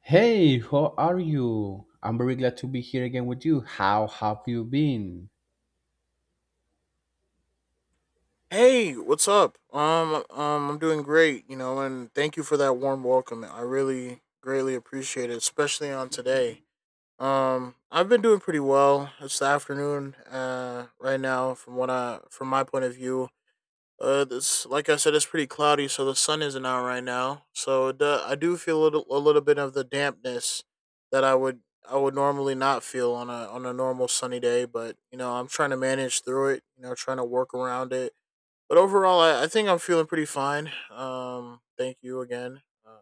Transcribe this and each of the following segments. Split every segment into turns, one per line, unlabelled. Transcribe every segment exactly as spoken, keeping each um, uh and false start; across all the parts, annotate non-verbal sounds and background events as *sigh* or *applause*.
Hey, how are you? I'm very glad to be here again with you. How have you been?
Hey, what's up? Um, um, I'm doing great, you know, and thank you for that warm welcome. I really greatly appreciate it, especially on today. Um, I've been doing pretty well. It's the afternoon, uh, right now. From what I, from my point of view, uh, this, like I said, it's pretty cloudy, so the sun isn't out right now. So the, I do feel a little, a little bit of the dampness that I would, I would normally not feel on a, on a normal sunny day. But you know, I'm trying to manage through it. You know, trying to work around it, but overall, I, I think I'm feeling pretty fine. Um, thank you again. Uh,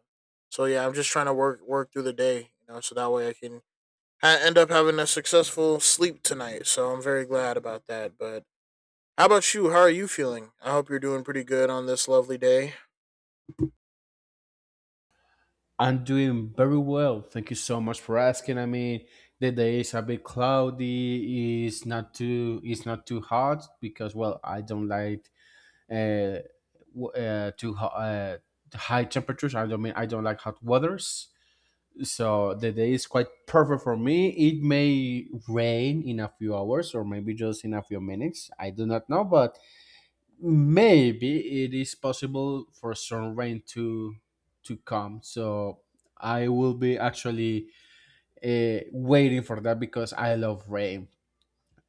so yeah, I'm just trying to work work through the day, you know, so that way I can ha- end up having a successful sleep tonight. So I'm very glad about that. But how about you? How are you feeling? I hope you're doing pretty good on this lovely day.
I'm doing very well. Thank you so much for asking. I mean, the day is a bit cloudy. It's not too. It's not too hot because, well, I don't like uh, w- uh too ho- uh, high temperatures. I don't mean I don't like hot weathers. So the day is quite perfect for me. It may rain in a few hours or maybe just in a few minutes. I do not know, but maybe it is possible for some rain to to come. So i will be actually uh, waiting for that because i love rain.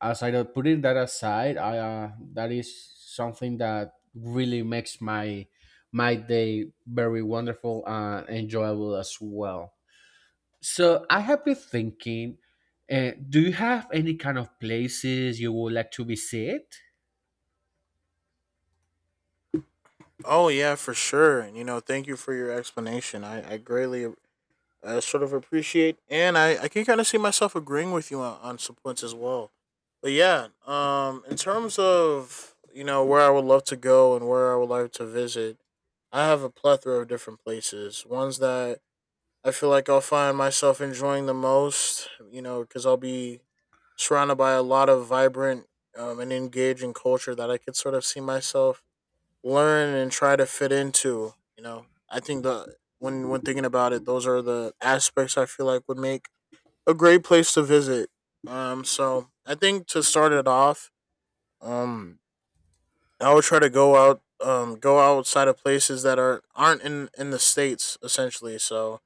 As I don't putting that aside I uh, That is something that really makes my my day very wonderful and enjoyable as well. So i have been thinking, uh, do you have any kind of places you would like to visit?
Oh yeah, for sure. And you know, thank you for your explanation. I, I greatly I sort of appreciate, and I, I can kind of see myself agreeing with you on, on some points as well. But yeah, um, in terms of, you know, where I would love to go and where I would like to visit, I have a plethora of different places. Ones that I feel like I'll find myself enjoying the most, you know, because I'll be surrounded by a lot of vibrant um, and engaging culture that I could sort of see myself learn and try to fit into. You know, I think the when when thinking about it, those are the aspects I feel like would make a great place to visit. Um, so I think to start it off, um, I would try to go out, um, go outside of places that are aren't in in the states essentially. So,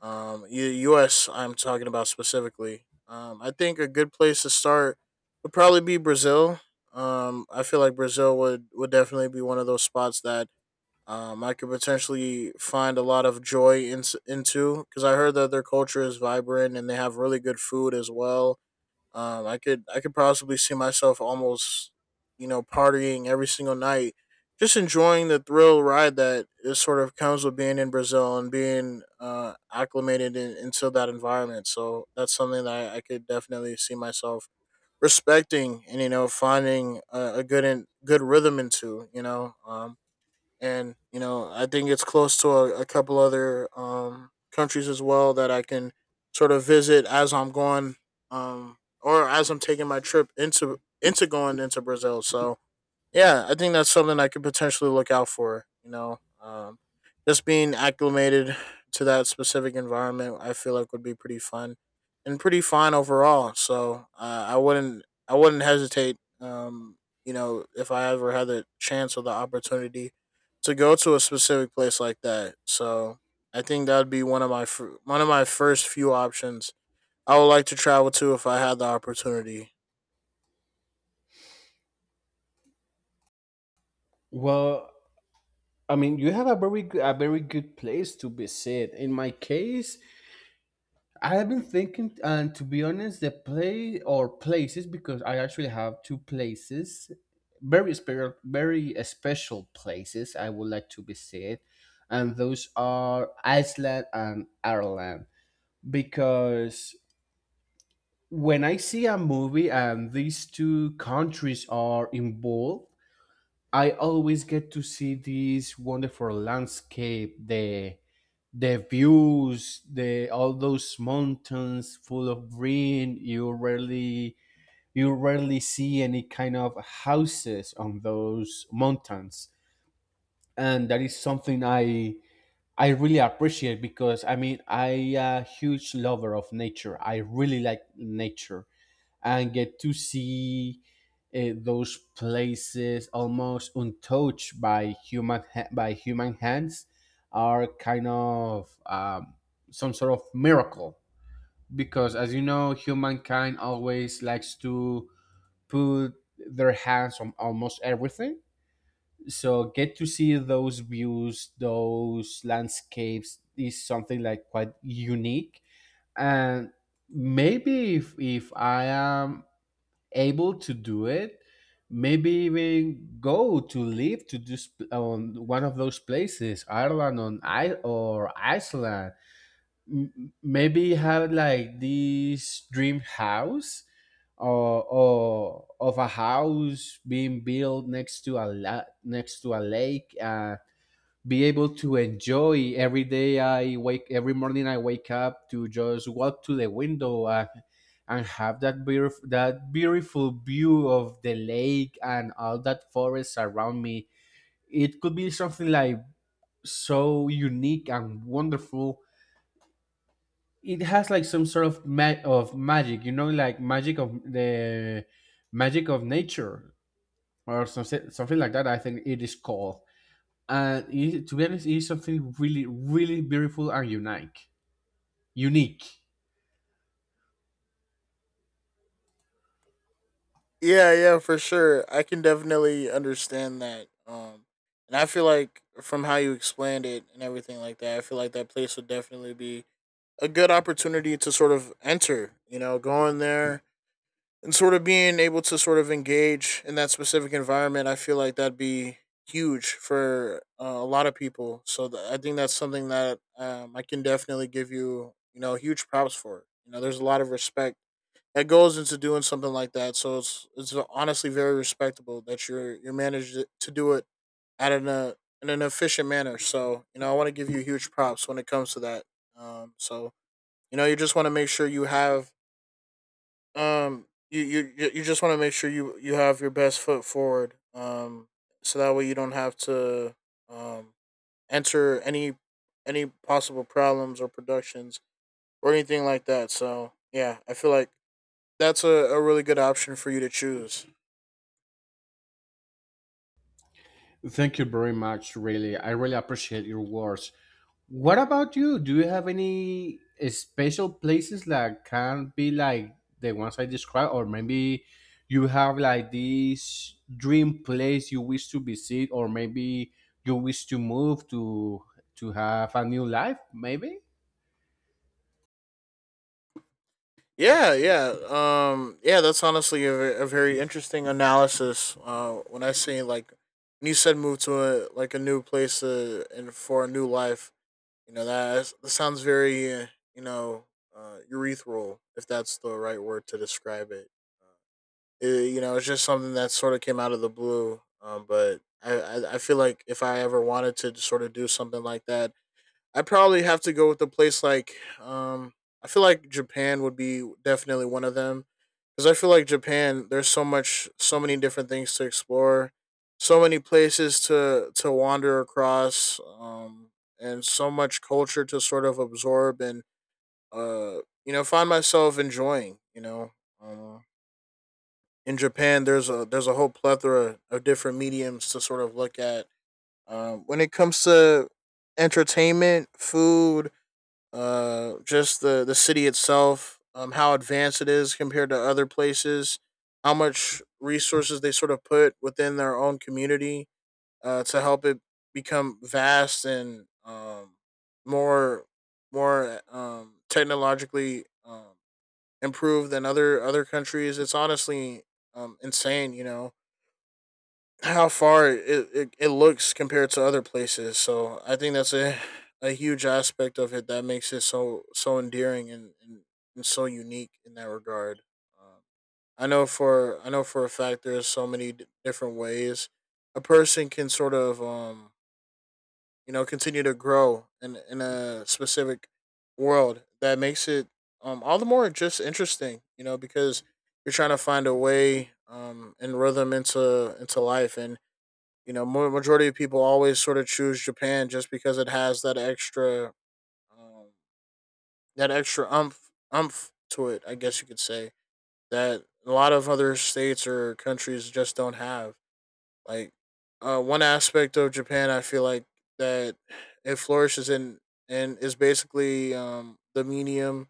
um, U- U.S. I'm talking about specifically. Um, I think a good place to start would probably be Brazil. Um, I feel like Brazil would would definitely be one of those spots that um, I could potentially find a lot of joy in, into, because I heard that their culture is vibrant and they have really good food as well. Um, I could I could possibly see myself almost, you know, partying every single night, just enjoying the thrill ride that it sort of comes with being in Brazil and being uh, acclimated in, into that environment. So that's something that I, I could definitely see myself respecting and, you know, finding a, a good and good rhythm into, you know. Um and you know, I think it's close to a, a couple other um, countries as well that I can sort of visit as I'm going, um, or as I'm taking my trip into into going into Brazil. So yeah, I think that's something I could potentially look out for. You know, um, just being acclimated to that specific environment, I feel like would be pretty fun and pretty fine overall. So uh, I wouldn't, I wouldn't hesitate. Um, you know, if I ever had the chance or the opportunity to go to a specific place like that. So I think that'd be one of my fir- one of my first few options I would like to travel to if I had the opportunity.
Well I mean, you have a very g- a very good place to visit. In my case, I have been thinking, and to be honest, the play or places because I actually have two places, very special, very special places I would like to visit, and those are Iceland and Ireland, because when I see a movie and these two countries are involved, I always get to see this wonderful landscape, the the views, the all those mountains full of green. You rarely you rarely see any kind of houses on those mountains, and that is something I I really appreciate, because I mean I a huge lover of nature. I really like nature, and get to see uh, those places almost untouched by human ha- by human hands are kind of um, some sort of miracle, because as you know, humankind always likes to put their hands on almost everything. So get to see those views, those landscapes is something like quite unique. And maybe if, if i am able to do it, maybe even go to live to this on one of those places, Ireland on i or Iceland. M- maybe have like this dream house, or, or of a house being built next to a la- next to a lake, uh, be able to enjoy every day I wake every morning I wake up to just walk to the window, and and have that beautiful that beautiful view of the lake and all that forest around me. It could be something like so unique and wonderful. It has like some sort of ma- of magic, you know, like magic of the magic of nature or something something like that, I think it is called. And it, to be honest, it is something really, really beautiful and unique. Unique.
Yeah, yeah, for sure. I can definitely understand that. Um, and I feel like from how you explained it and everything like that, I feel like that place would definitely be a good opportunity to sort of enter. You know, going there and sort of being able to sort of engage in that specific environment. I feel like that'd be huge for uh, a lot of people. So th- I think that's something that, um, I can definitely give you, you know, huge props for. You know, there's a lot of respect that goes into doing something like that. So it's it's honestly very respectable that you're you're managed to do it at an uh, in an efficient manner. So you know I want to give you huge props when it comes to that. Um, so you know you just want to make sure you have um you you you you just want to make sure you you have your best foot forward. Um, so that way you don't have to um enter any any possible problems or productions or anything like that. So yeah, I feel like that's a, a really good option for you to choose.
Thank you very much. Really, I really appreciate your words. What about you? Do you have any special places that can be like the ones I described, or maybe you have like this dream place you wish to visit, or maybe you wish to move to to have a new life, maybe?
Yeah, yeah, um, yeah, that's honestly a, a very interesting analysis. Uh, when I say like when you said move to a like a new place uh and for a new life, you know, that, is- that sounds very, uh, you know, uh, urethral, if that's the right word to describe it. Uh, it. You know, it's just something that sort of came out of the blue. Um, but I, I I feel like if I ever wanted to sort of do something like that, I probably have to go with a place like, um I feel like Japan would be definitely one of them, because I feel like Japan, there's so much so many different things to explore, so many places to to wander across, um and so much culture to sort of absorb, and uh you know, find myself enjoying, you know. Uh, in Japan there's a there's a whole plethora of different mediums to sort of look at, um when it comes to entertainment, food, uh just the the city itself, um how advanced it is compared to other places, how much resources they sort of put within their own community uh to help it become vast and, um more more um technologically um improved than other other countries. It's honestly um insane, you know, how far it, it, it looks compared to other places. So I think that's a a huge aspect of it that makes it so so endearing and, and, and so unique in that regard. Um, I know for I know for a fact there's so many d- different ways a person can sort of, um you know, continue to grow in in a specific world that makes it um all the more just interesting, you know, because you're trying to find a way, um and rhythm into into life, and, you know, more, majority of people always sort of choose Japan just because it has that extra, um, that extra umph, umph to it, I guess you could say, that a lot of other states or countries just don't have. Like, uh, one aspect of Japan, I feel like that it flourishes in and is basically, um, the medium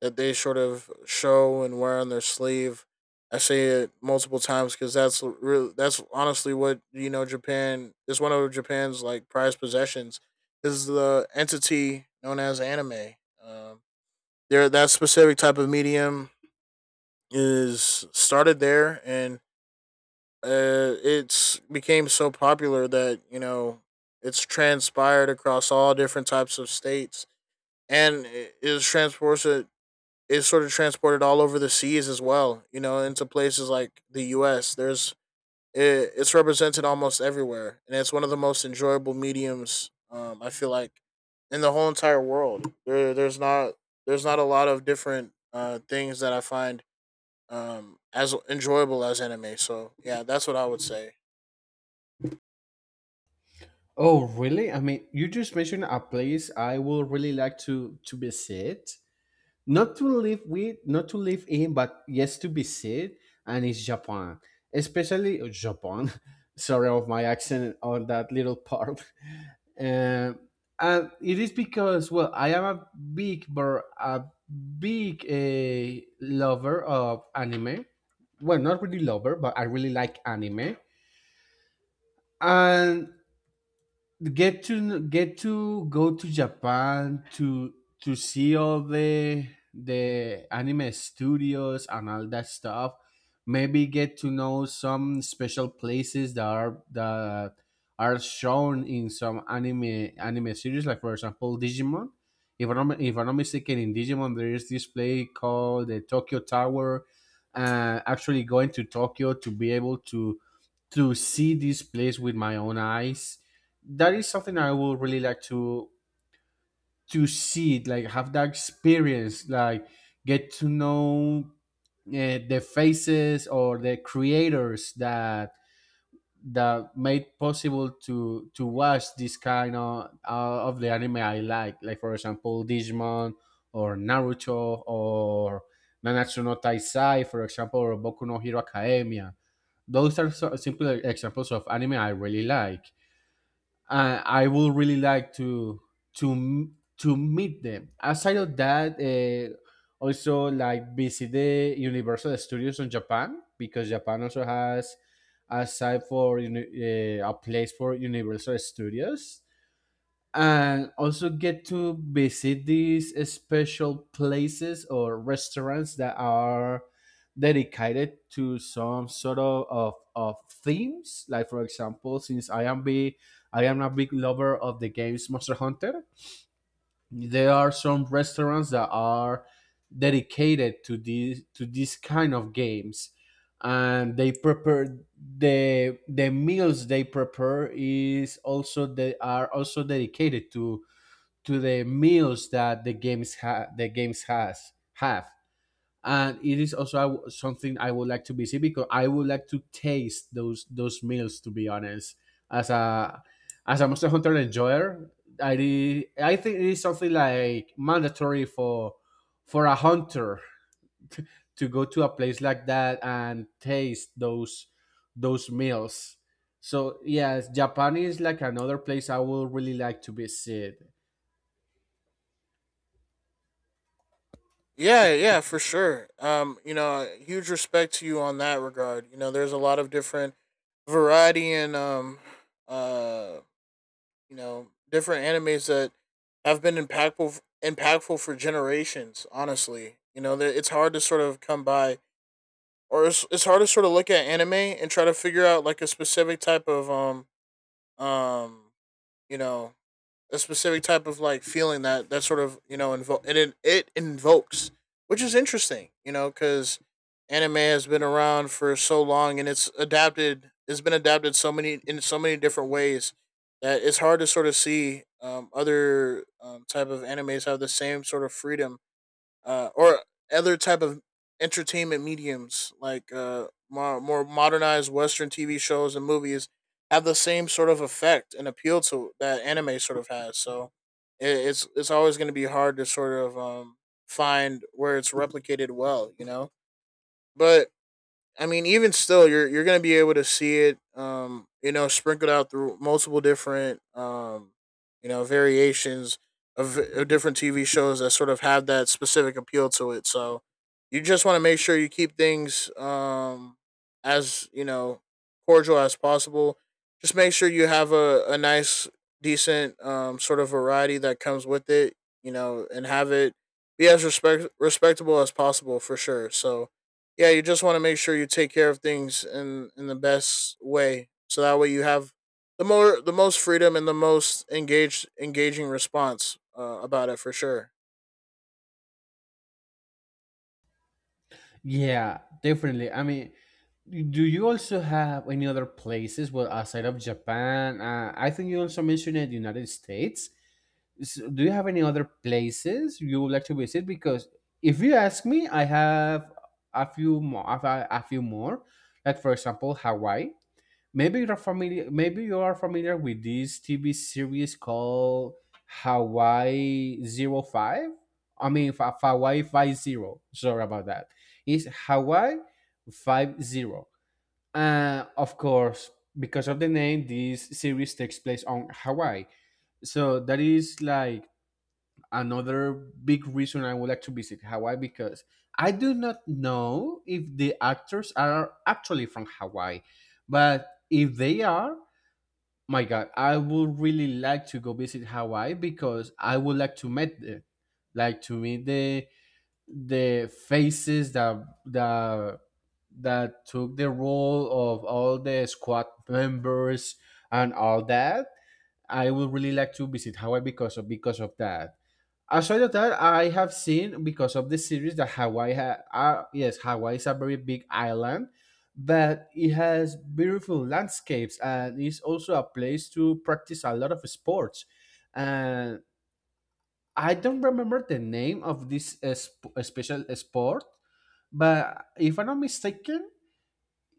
that they sort of show and wear on their sleeve. I say it multiple times because that's really that's honestly what, you know, Japan is one of Japan's like prized possessions is the entity known as anime. Um, there, that specific type of medium is started there, and uh, it's became so popular that, you know, it's transpired across all different types of states, and it is transported. It's sort of transported all over the seas as well, you know, into places like the us. there's it, it's represented almost everywhere, and it's one of the most enjoyable mediums, um, I feel like in the whole entire world. There, there's not there's not a lot of different, uh, things that I find, um, as enjoyable as anime. So yeah, that's what I would say.
Oh, really? I mean, you just mentioned a place I would really like to to visit, not to live with, not to live in, but yes, to visit, and it's Japan, especially uh, Japan. *laughs* Sorry of my accent on that little part. *laughs* Um, and it is because, well, I am a big, bur- a big uh, lover of anime. Well, not really lover, but I really like anime. And get to get to go to Japan to to see all the the anime studios and all that stuff. Maybe get to know some special places that are that are shown in some anime anime series, like for example Digimon. If I'm not- if I'm not mistaken, in Digimon there is this place called the Tokyo Tower. Uh, actually, going to Tokyo to be able to to see this place with my own eyes, that is something I would really like to to see, like have that experience, like get to know uh, the faces or the creators that that made possible to to watch this kind of uh, of the anime I like, like for example Digimon or Naruto or Nanatsu no Taisai, for example, or Boku no Hero Academia. Those are so, simple examples of anime I really like. uh, I would really like to to m- to meet them. Aside of that, uh, also like visit the Universal Studios in Japan, because Japan also has a site for uni- uh, a place for Universal Studios, and also get to visit these special places or restaurants that are dedicated to some sort of, of, of themes, like for example, since i am be i am a big lover of the games Monster Hunter, there are some restaurants that are dedicated to these to these kind of games, and they prepare the the meals they prepare is also they are also dedicated to to the meals that the games ha- the games has have. And it is also I w- something i would like to visit, because i would like to taste those those meals, to be honest. As a as a Monster Hunter enjoyer, i re- i think it is something like mandatory for for a hunter to go to a place like that and taste those those meals. So yes, Japan is like another place i would really like to visit.
Yeah, yeah, for sure. Um, you know, huge respect to you on that regard. You know, there's a lot of different variety, and um uh you know, different animes that have been impactful impactful for generations, honestly. You know, that it's hard to sort of come by, or it's, it's hard to sort of look at anime and try to figure out like a specific type of, um um you know, a specific type of like feeling that that sort of, you know, invo- and it it invokes, which is interesting, you know, because anime has been around for so long and it's adapted. It's been adapted so many in so many different ways that it's hard to sort of see, um, other um, type of animes have the same sort of freedom, uh, or other type of entertainment mediums like, uh, more, more modernized Western T V shows and movies have the same sort of effect and appeal to that anime sort of has. So it, it's it's always going to be hard to sort of, um, find where it's replicated well, you know. But I mean, even still, you're you're gonna be able to see it, um, you know, sprinkled out through multiple different, um, you know, variations of, of different T V shows that sort of have that specific appeal to it. So you just want to make sure you keep things um, as you know cordial as possible. Just make sure you have a, a nice, decent um, sort of variety that comes with it, you know, and have it be as respect respectable as possible for sure. So yeah, you just want to make sure you take care of things in in the best way, so that way you have the more the most freedom and the most engaged engaging response uh, about it for sure.
Yeah, definitely. I mean, do you also have any other places well outside of Japan? Uh, I think you also mentioned the United States. So do you have any other places you would like to visit? Because if you ask me, I have a few more. I have a few more. Like for example, Hawaii. Maybe you're familiar. Maybe you are familiar with this T V series called Hawaii Zero Five. I mean, fa- Hawaii Five Zero. Sorry about that. It's Hawaii Five Zero. Uh, of course, because of the name, this series takes place on Hawaii. So that is like another big reason I would like to visit Hawaii, because I do not know if the actors are actually from Hawaii, but if they are, my God, I would really like to go visit Hawaii because I would like to meet them, like to meet the the faces that that that took the role of all the squad members and all that. I would really like to visit Hawaii because of because of that. Aside of that, I have seen because of the series that Hawaii ha- uh, yes, Hawaii is a very big island, but it has beautiful landscapes and it's also a place to practice a lot of sports. And I don't remember the name of this uh, sp- uh, special sport, but if I'm not mistaken,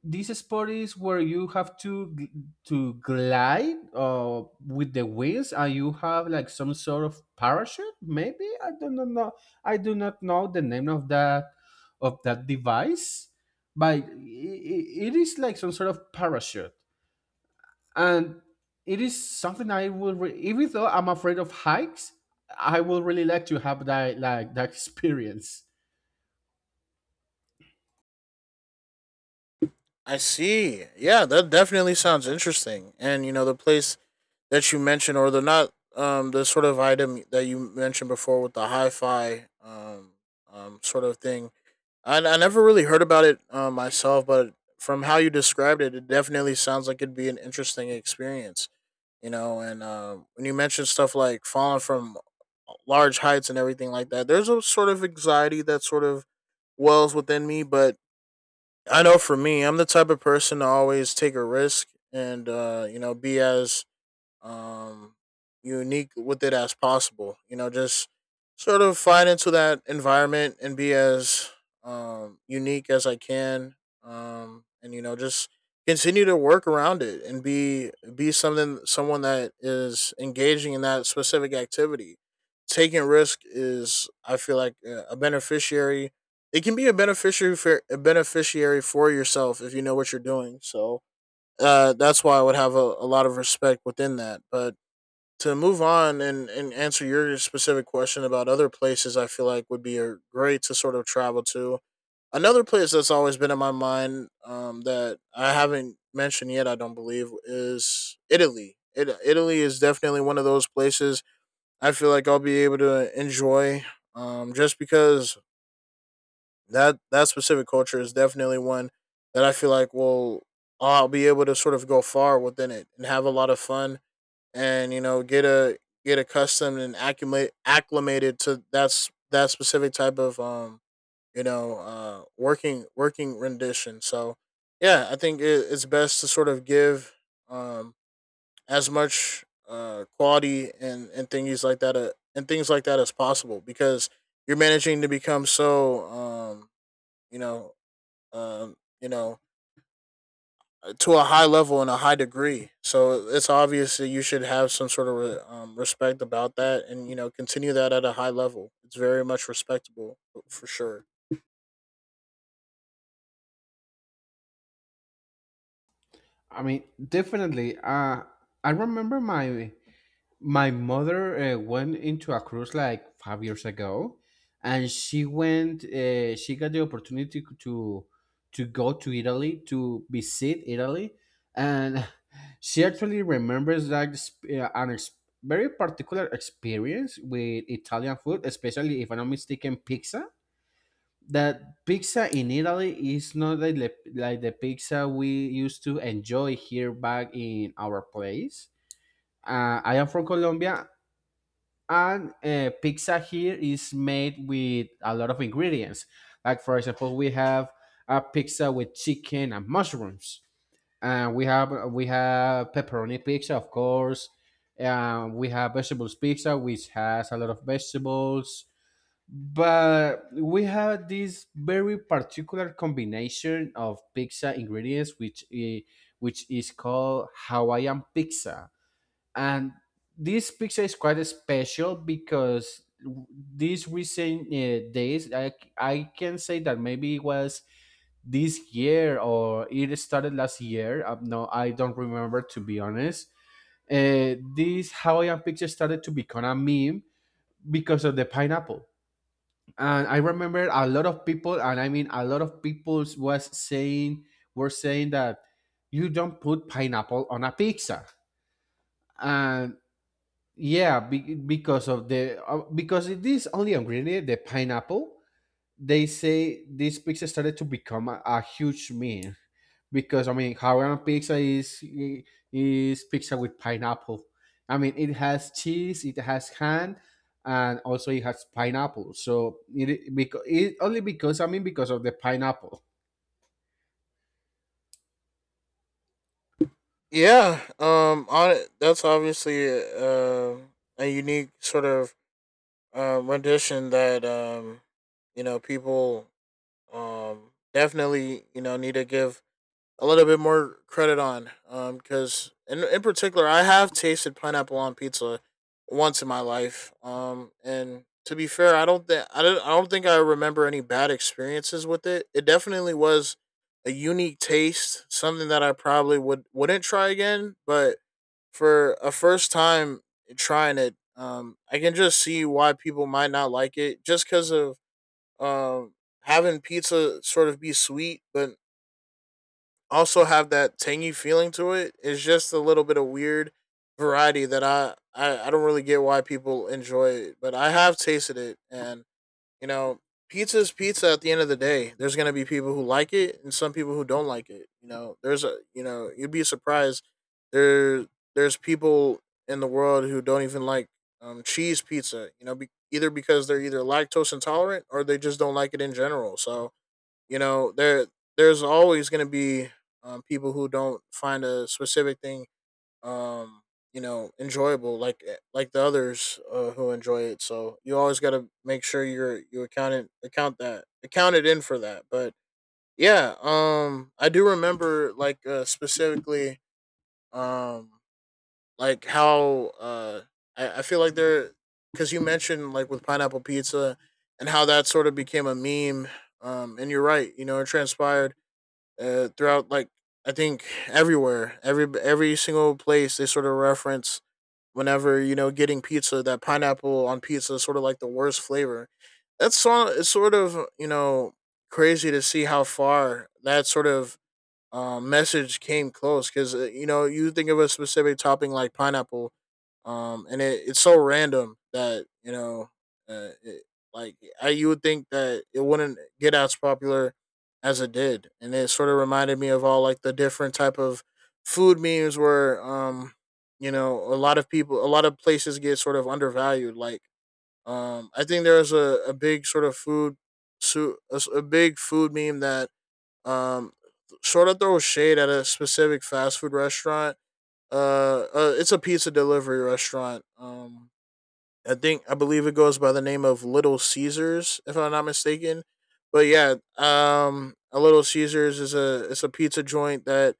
this sport is where you have to gl- to glide uh, with the wheels and you have like some sort of parachute, maybe. I do not know. I do not know the name of that of that device, but i i- it is like some sort of parachute. And it is something i will re- even though i'm afraid of hikes, i will really like to have that like that *laughs* experience.
I see. Yeah, that definitely sounds interesting. And you know the place that you mentioned, or the not um the sort of item that you mentioned before with the hi-fi um um sort of thing. I I never really heard about it uh, myself, but from how you described it, it definitely sounds like it'd be an interesting experience, you know. And um, when you mentioned stuff like falling from large heights and everything like that, there's a sort of anxiety that sort of wells within me. But I know for me, I'm the type of person to always take a risk and, uh, you know, be as um, unique with it as possible. You know, just sort of find into that environment and be as um, unique as I can. Um, and you know, just continue to work around it and be be something someone that is engaging in that specific activity. Taking risk is, I feel like, uh, a beneficiary. It can be a beneficiary for a beneficiary for yourself if you know what you're doing. So, uh, that's why I would have a, a lot of respect within that. But to move on and, and answer your specific question about other places, I feel like would be a great to sort of travel to. Another place that's always been in my mind, um, that I haven't mentioned yet, I don't believe, is Italy. It, Italy is definitely one of those places I feel like I'll be able to enjoy, um, just because that that specific culture is definitely one that I feel like will I'll be able to sort of go far within it and have a lot of fun, and you know, get a get accustomed and accumulate acclimated to that's that specific type of um you know uh working working rendition. So yeah, I think it, it's best to sort of give um as much uh quality and and things like that uh, and things like that as possible because you're managing to become so um you know um, you know, to a high level and a high degree. So it's obvious that you should have some sort of re- um, respect about that, and you know, continue that at a high level. It's very much respectable f- for sure.
I mean, definitely. Uh, I remember my my mother uh, went into a cruise like five years ago, and she went. Uh, she got the opportunity to to go to Italy to visit Italy, and *laughs* she actually remembers that exp- uh, an ex- very particular experience with Italian food, especially, if I'm not mistaken, pizza. That pizza in Italy is not like the, like the pizza we used to enjoy here back in our place. Uh, I am from Colombia, and uh, pizza here is made with a lot of ingredients. Like for example, we have a pizza with chicken and mushrooms, and we have we have pepperoni pizza, of course. Um, we have vegetables pizza, which has a lot of vegetables, but we have this very particular combination of pizza ingredients which i- which is called Hawaiian pizza. And this picture is quite special because these recent uh, days, I, I can say that maybe it was this year or it started last year. Uh, no i don't remember, to be honest. Uh, this Hawaiian picture started to become a meme because of the pineapple. And I remember a lot of people, and I mean a lot of people was saying were saying that you don't put pineapple on a pizza. And yeah, be- because of the uh, because it is only on Green Day, the pineapple, they say this pizza started to become a, a huge meme, because I mean, Hawaiian pizza is i- is pizza with pineapple. I mean, it has cheese, it has ham, and also it has pineapple. So it, because it only because I mean, because of the pineapple.
Yeah, um, on it, that's obviously uh, a unique sort of uh, rendition that, um, you know, people um definitely, you know, need to give a little bit more credit on. Um, because in in particular, I have tasted pineapple on pizza once in my life. Um, and to be fair, I don't think I don't I don't think I remember any bad experiences with it. It definitely was a unique taste, something that I probably would wouldn't try again. But for a first time trying it, um, I can just see why people might not like it, just because of um having pizza sort of be sweet, but also have that tangy feeling to it. It's just a little bit of weird variety that I, I I don't really get why people enjoy it, but I have tasted it, and you know, pizza's pizza. At the end of the day, there's gonna be people who like it and some people who don't like it. You know, there's a, you know, you'd be surprised, there there's people in the world who don't even like, um, cheese pizza. You know, be, either because they're either lactose intolerant or they just don't like it in general. So, you know there there's always going to be, um, people who don't find a specific thing um, you know enjoyable like, eh, like the others, uh, who enjoy it. So you always got to make sure you're you account it, account that account it in for that. But yeah, um I do remember like, uh, specifically um like how uh i, I feel like there, because you mentioned like with pineapple pizza and how that sort of became a meme, um and you're right, you know, it transpired, uh, throughout like, I think everywhere, every every single place they sort of reference whenever, you know, getting pizza, that pineapple on pizza is sort of like the worst flavor. That's so it's sort of you know, crazy to see how far that sort of, um, message came close. Because, uh, you know, you think of a specific topping like pineapple, um, and it, it's so random that, you know, uh, it, like I, you would think that it wouldn't get as popular as it did, and it sort of reminded me of all like the different type of food memes where, um, you know, a lot of people, a lot of places get sort of undervalued. Like, um, I think there was a, a big sort of food, su- a s a a big food meme that, um, sort of throw shade at a specific fast food restaurant. Uh, uh it's a pizza delivery restaurant. Um, I think I believe it goes by the name of Little Caesars, if I'm not mistaken. But yeah, um, a Little Caesars is a it's a pizza joint that,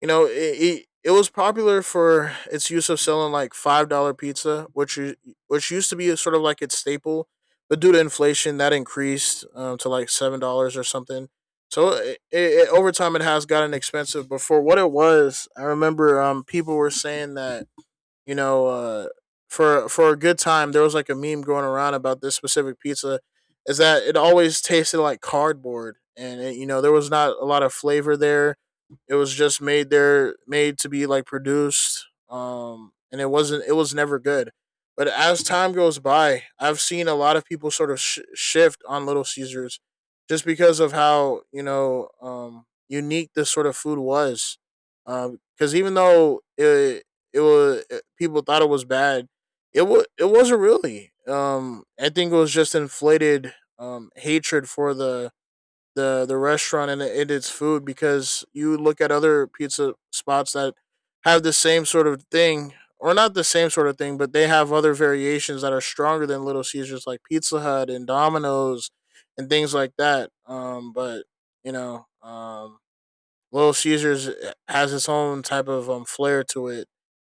you know, it, it it was popular for its use of selling like five dollar pizza, which u- which used to be sort of like its staple, but due to inflation, that increased, um, to like seven dollars or something. So it, it, over time, it has gotten expensive. But for what it was, I remember, um, people were saying that, you know, uh, for for a good time, there was like a meme going around about this specific pizza, is that it always tasted like cardboard, and it, you know, there was not a lot of flavor there. It was just made there, made to be like produced, um, and it wasn't. It was never good. But as time goes by, I've seen a lot of people sort of sh- shift on Little Caesars, just because of how, you know, um, unique this sort of food was. Because, um, even though it, it was it, people thought it was bad. It was it wasn't really. Um, I think it was just inflated, um, hatred for the the the restaurant and, and its food. Because you look at other pizza spots that have the same sort of thing, or not the same sort of thing, but they have other variations that are stronger than Little Caesars, like Pizza Hut and Domino's and things like that. Um, but you know, um, Little Caesars, eh, has its own type of, um, flair to it,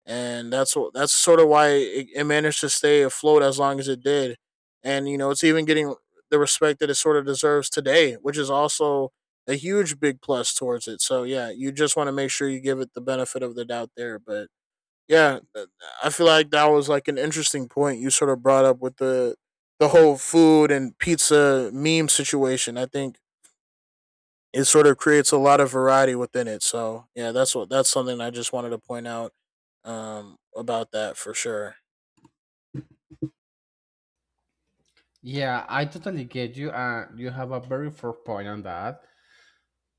and that's wh- that's sort of why it, it managed to stay afloat as long as it did. And you know, it's even getting the respect that it sort of deserves today, which is also a huge big plus towards it. So yeah, you just want to make sure you give it the benefit of the doubt there. But yeah, th- I feel like that was like an interesting point you sort of brought up with the the whole food and pizza meme situation. I think it sort of creates a lot of variety within it. So yeah, that's what that's something I just wanted to point out, um about that for sure.
Yeah, I totally get you, and you have a very fair point on that.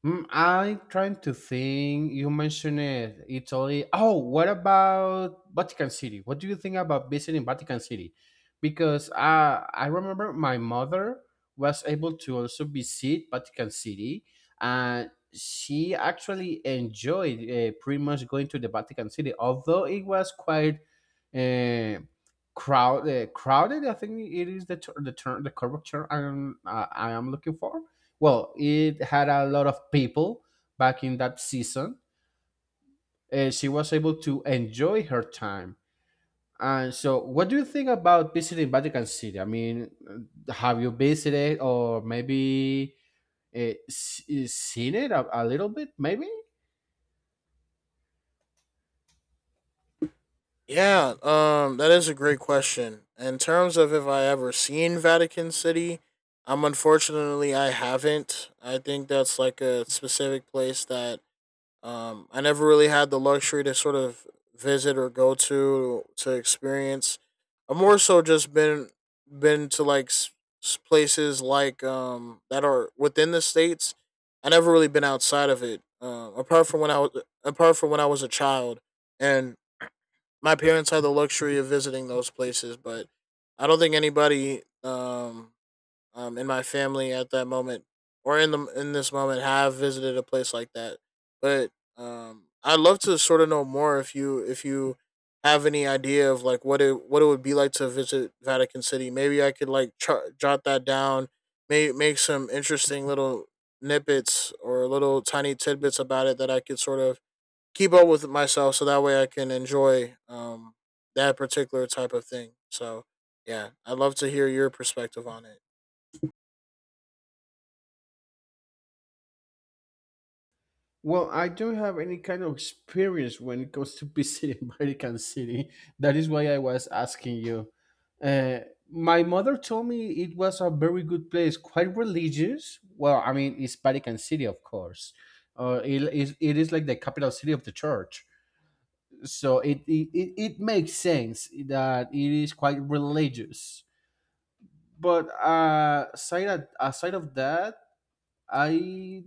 Mm, I'm trying to think. You mentioned it, Italy. Oh, what about Vatican City? What do you think about visiting Vatican City? Because uh, I remember my mother was able to also visit Vatican City, and she actually enjoyed uh, pretty much going to the Vatican City, although it was quite uh, crowd, uh, crowded. I think it is the ter- the term, the correct term I am, uh, I am looking for, well, it had a lot of people back in that season. And she was able to enjoy her time. And so, what do you think about visiting Vatican City? I mean, have you visited, or maybe uh, s- seen it a, a little bit, maybe?
Yeah, um that is a great question. In terms of if I ever seen Vatican City, um unfortunately I haven't. I think that's like a specific place that, um, I never really had the luxury to sort of visit or go to to experience. I've more so just been, been to like s- s- places like, um that are within the states. I never really been outside of it. Um, apart from when I was apart from when I was a child, and my parents had the luxury of visiting those places, but I don't think anybody, um um, in my family at that moment or in the in this moment have visited a place like that. But, um, I'd love to sort of know more if you if you have any idea of like what it what it would be like to visit Vatican City. Maybe I could like tr- jot that down, may make some interesting little snippets or little tiny tidbits about it that I could sort of keep up with myself, so that way I can enjoy, um, that particular type of thing. So yeah, I'd love to hear your perspective on it.
Well, I don't have any kind of experience when it comes to visiting *laughs* Vatican City. That is why I was asking you. Uh, my mother told me it was a very good place, quite religious. Well, I mean, it's Vatican City, of course. Uh, it, is, it is like the capital city of the church. So it, it, it it makes sense that it is quite religious. But uh, aside, aside of that, I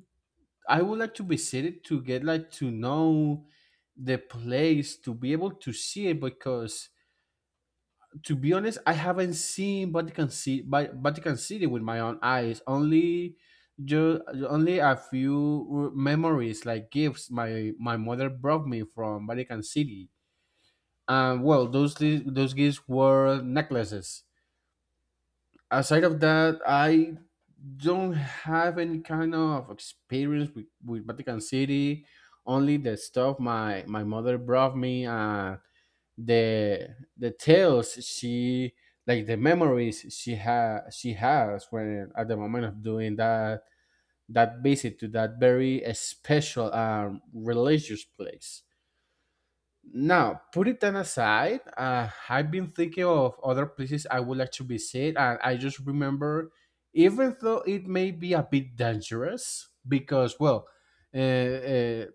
I would like to visit it to get like to know the place, to be able to see it, because to be honest, I haven't seen Vatican City, Vatican City with my own eyes. Only just Only a few memories, like gifts my my mother brought me from Vatican City. And well, those those gifts were necklaces. Aside of that, I don't have any kind of experience with, with Vatican City. Only the stuff my my mother brought me, and the the tales she, like the memories she has she has when at the moment of doing that that visit to that very special um religious place. Now, put it then aside. Uh, I've been thinking of other places I would like to visit, and I just remember, even though it may be a bit dangerous, because well, uh, uh,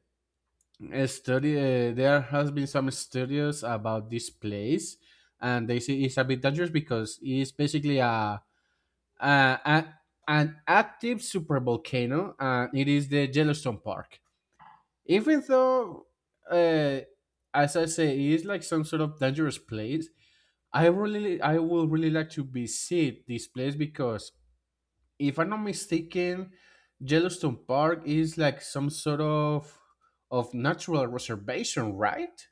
a study uh, there has been some studies about this place, and they say it's a bit dangerous because it's basically a, a, a an active super volcano, and it is the Yellowstone Park. Even though, uh, as I say, it is like some sort of dangerous place, i really I would really like to visit this place because, if I'm not mistaken, Yellowstone Park is like some sort of of natural reservation, right?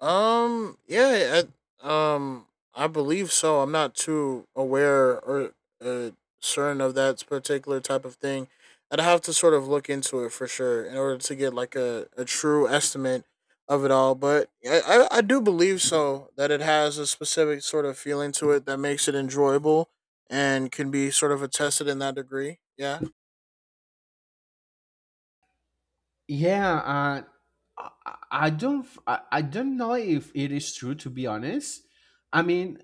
Um, yeah, I, um, I believe so. I'm not too aware or, uh, certain of that particular type of thing. I'd have to sort of look into it for sure in order to get like a, a true estimate of it all. But I, I, I do believe so that it has a specific sort of feeling to it that makes it enjoyable and can be sort of attested in that degree. Yeah.
Yeah, uh, I, I I don't, I, I don't know if it is true, to be honest. I mean,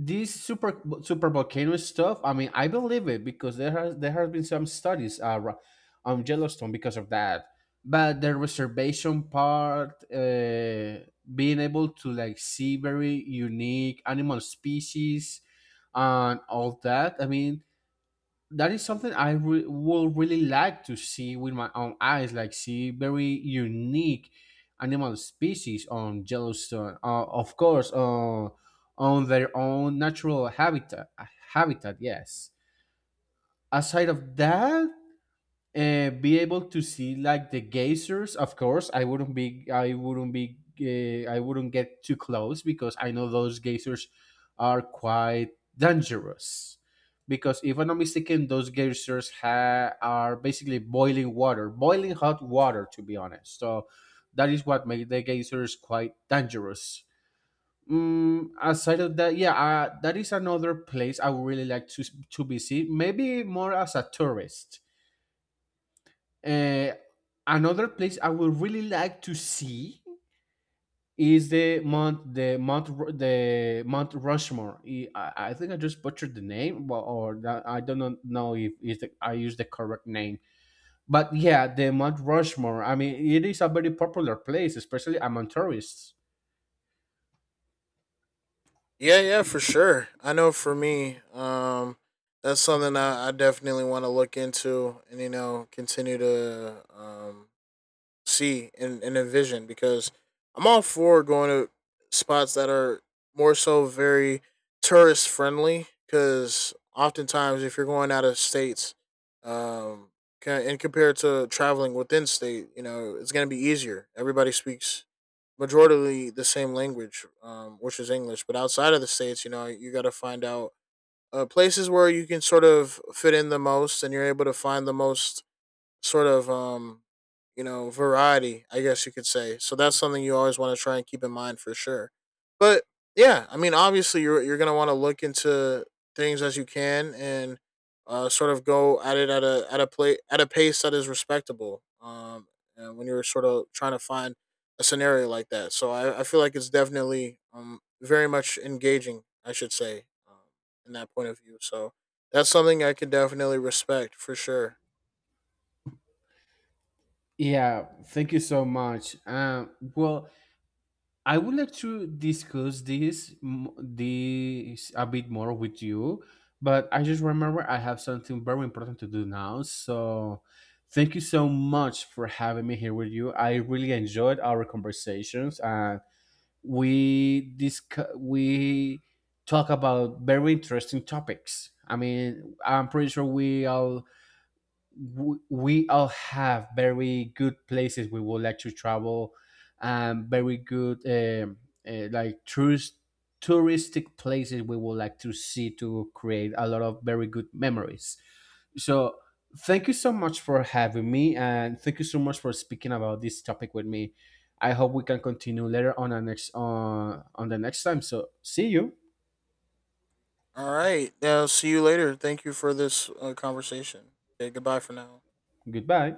this super super volcano stuff. I mean, I believe it because there has there has been some studies uh, ra- on Yellowstone because of that. But the reservation part, uh, being able to like see very unique animal species and all that. I mean, that is something I re- would really like to see with my own eyes, like see very unique animal species on Yellowstone. Uh, of course, uh, on their own natural habitat. Habitat, yes. Aside of that, uh, be able to see like the geysers. Of course, i wouldn't be i wouldn't be uh, I wouldn't get too close because I know those geysers are quite dangerous, because if I'm not mistaken, those geysers ha- are basically boiling water, boiling hot water, to be honest. So that is what made the geysers quite dangerous. Mm, aside of that, yeah, uh, that is another place I would really like to to visit. Maybe more as a tourist. Uh, another place I would really like to see is the Mount the Mount Ru- the Mount Rushmore. I, I I think I just butchered the name. Well, or that, I don't know know if, if the, I used the correct name. But yeah, the Mount Rushmore. I mean, it is a very popular place, especially among tourists.
Yeah, yeah, for sure. I know for me, um, that's something I, I definitely want to look into, and you know, continue to, um, see and, and envision. Because I'm all for going to spots that are more so very tourist friendly. Because oftentimes if you're going out of states, um, ca- and compared to traveling within state, you know, it's gonna be easier. Everybody speaks majority the same language, um, which is English. But outside of the states, you know, you got to find out, uh, places where you can sort of fit in the most, and you're able to find the most sort of um you know variety, I guess you could say. So that's something you always want to try and keep in mind for sure. But yeah, I mean, obviously you're you're going to want to look into things as you can, and, uh, sort of go at it at a at a play at a pace that is respectable, um and when you're sort of trying to find a scenario like that. so i, I feel like it's definitely, um very much engaging, I should say, um, in that point of view. So that's something I could definitely respect for sure.
Yeah, thank you so much. Um, well, I would like to discuss this m- this a bit more with you, but I just remember I have something very important to do now. So, thank you so much for having me here with you. I really enjoyed our conversations, and we discuss we talk about very interesting topics. I mean, I'm pretty sure we all w- we all have very good places we would like to travel, and very good um, uh, like tourist touristic places we would like to see to create a lot of very good memories. So thank you so much for having me, and thank you so much for speaking about this topic with me. I hope we can continue later on our next, on on the next time. So see you.
All right. Yeah, I'll see you later. Thank you for this, uh, conversation. Okay, goodbye for now.
Goodbye.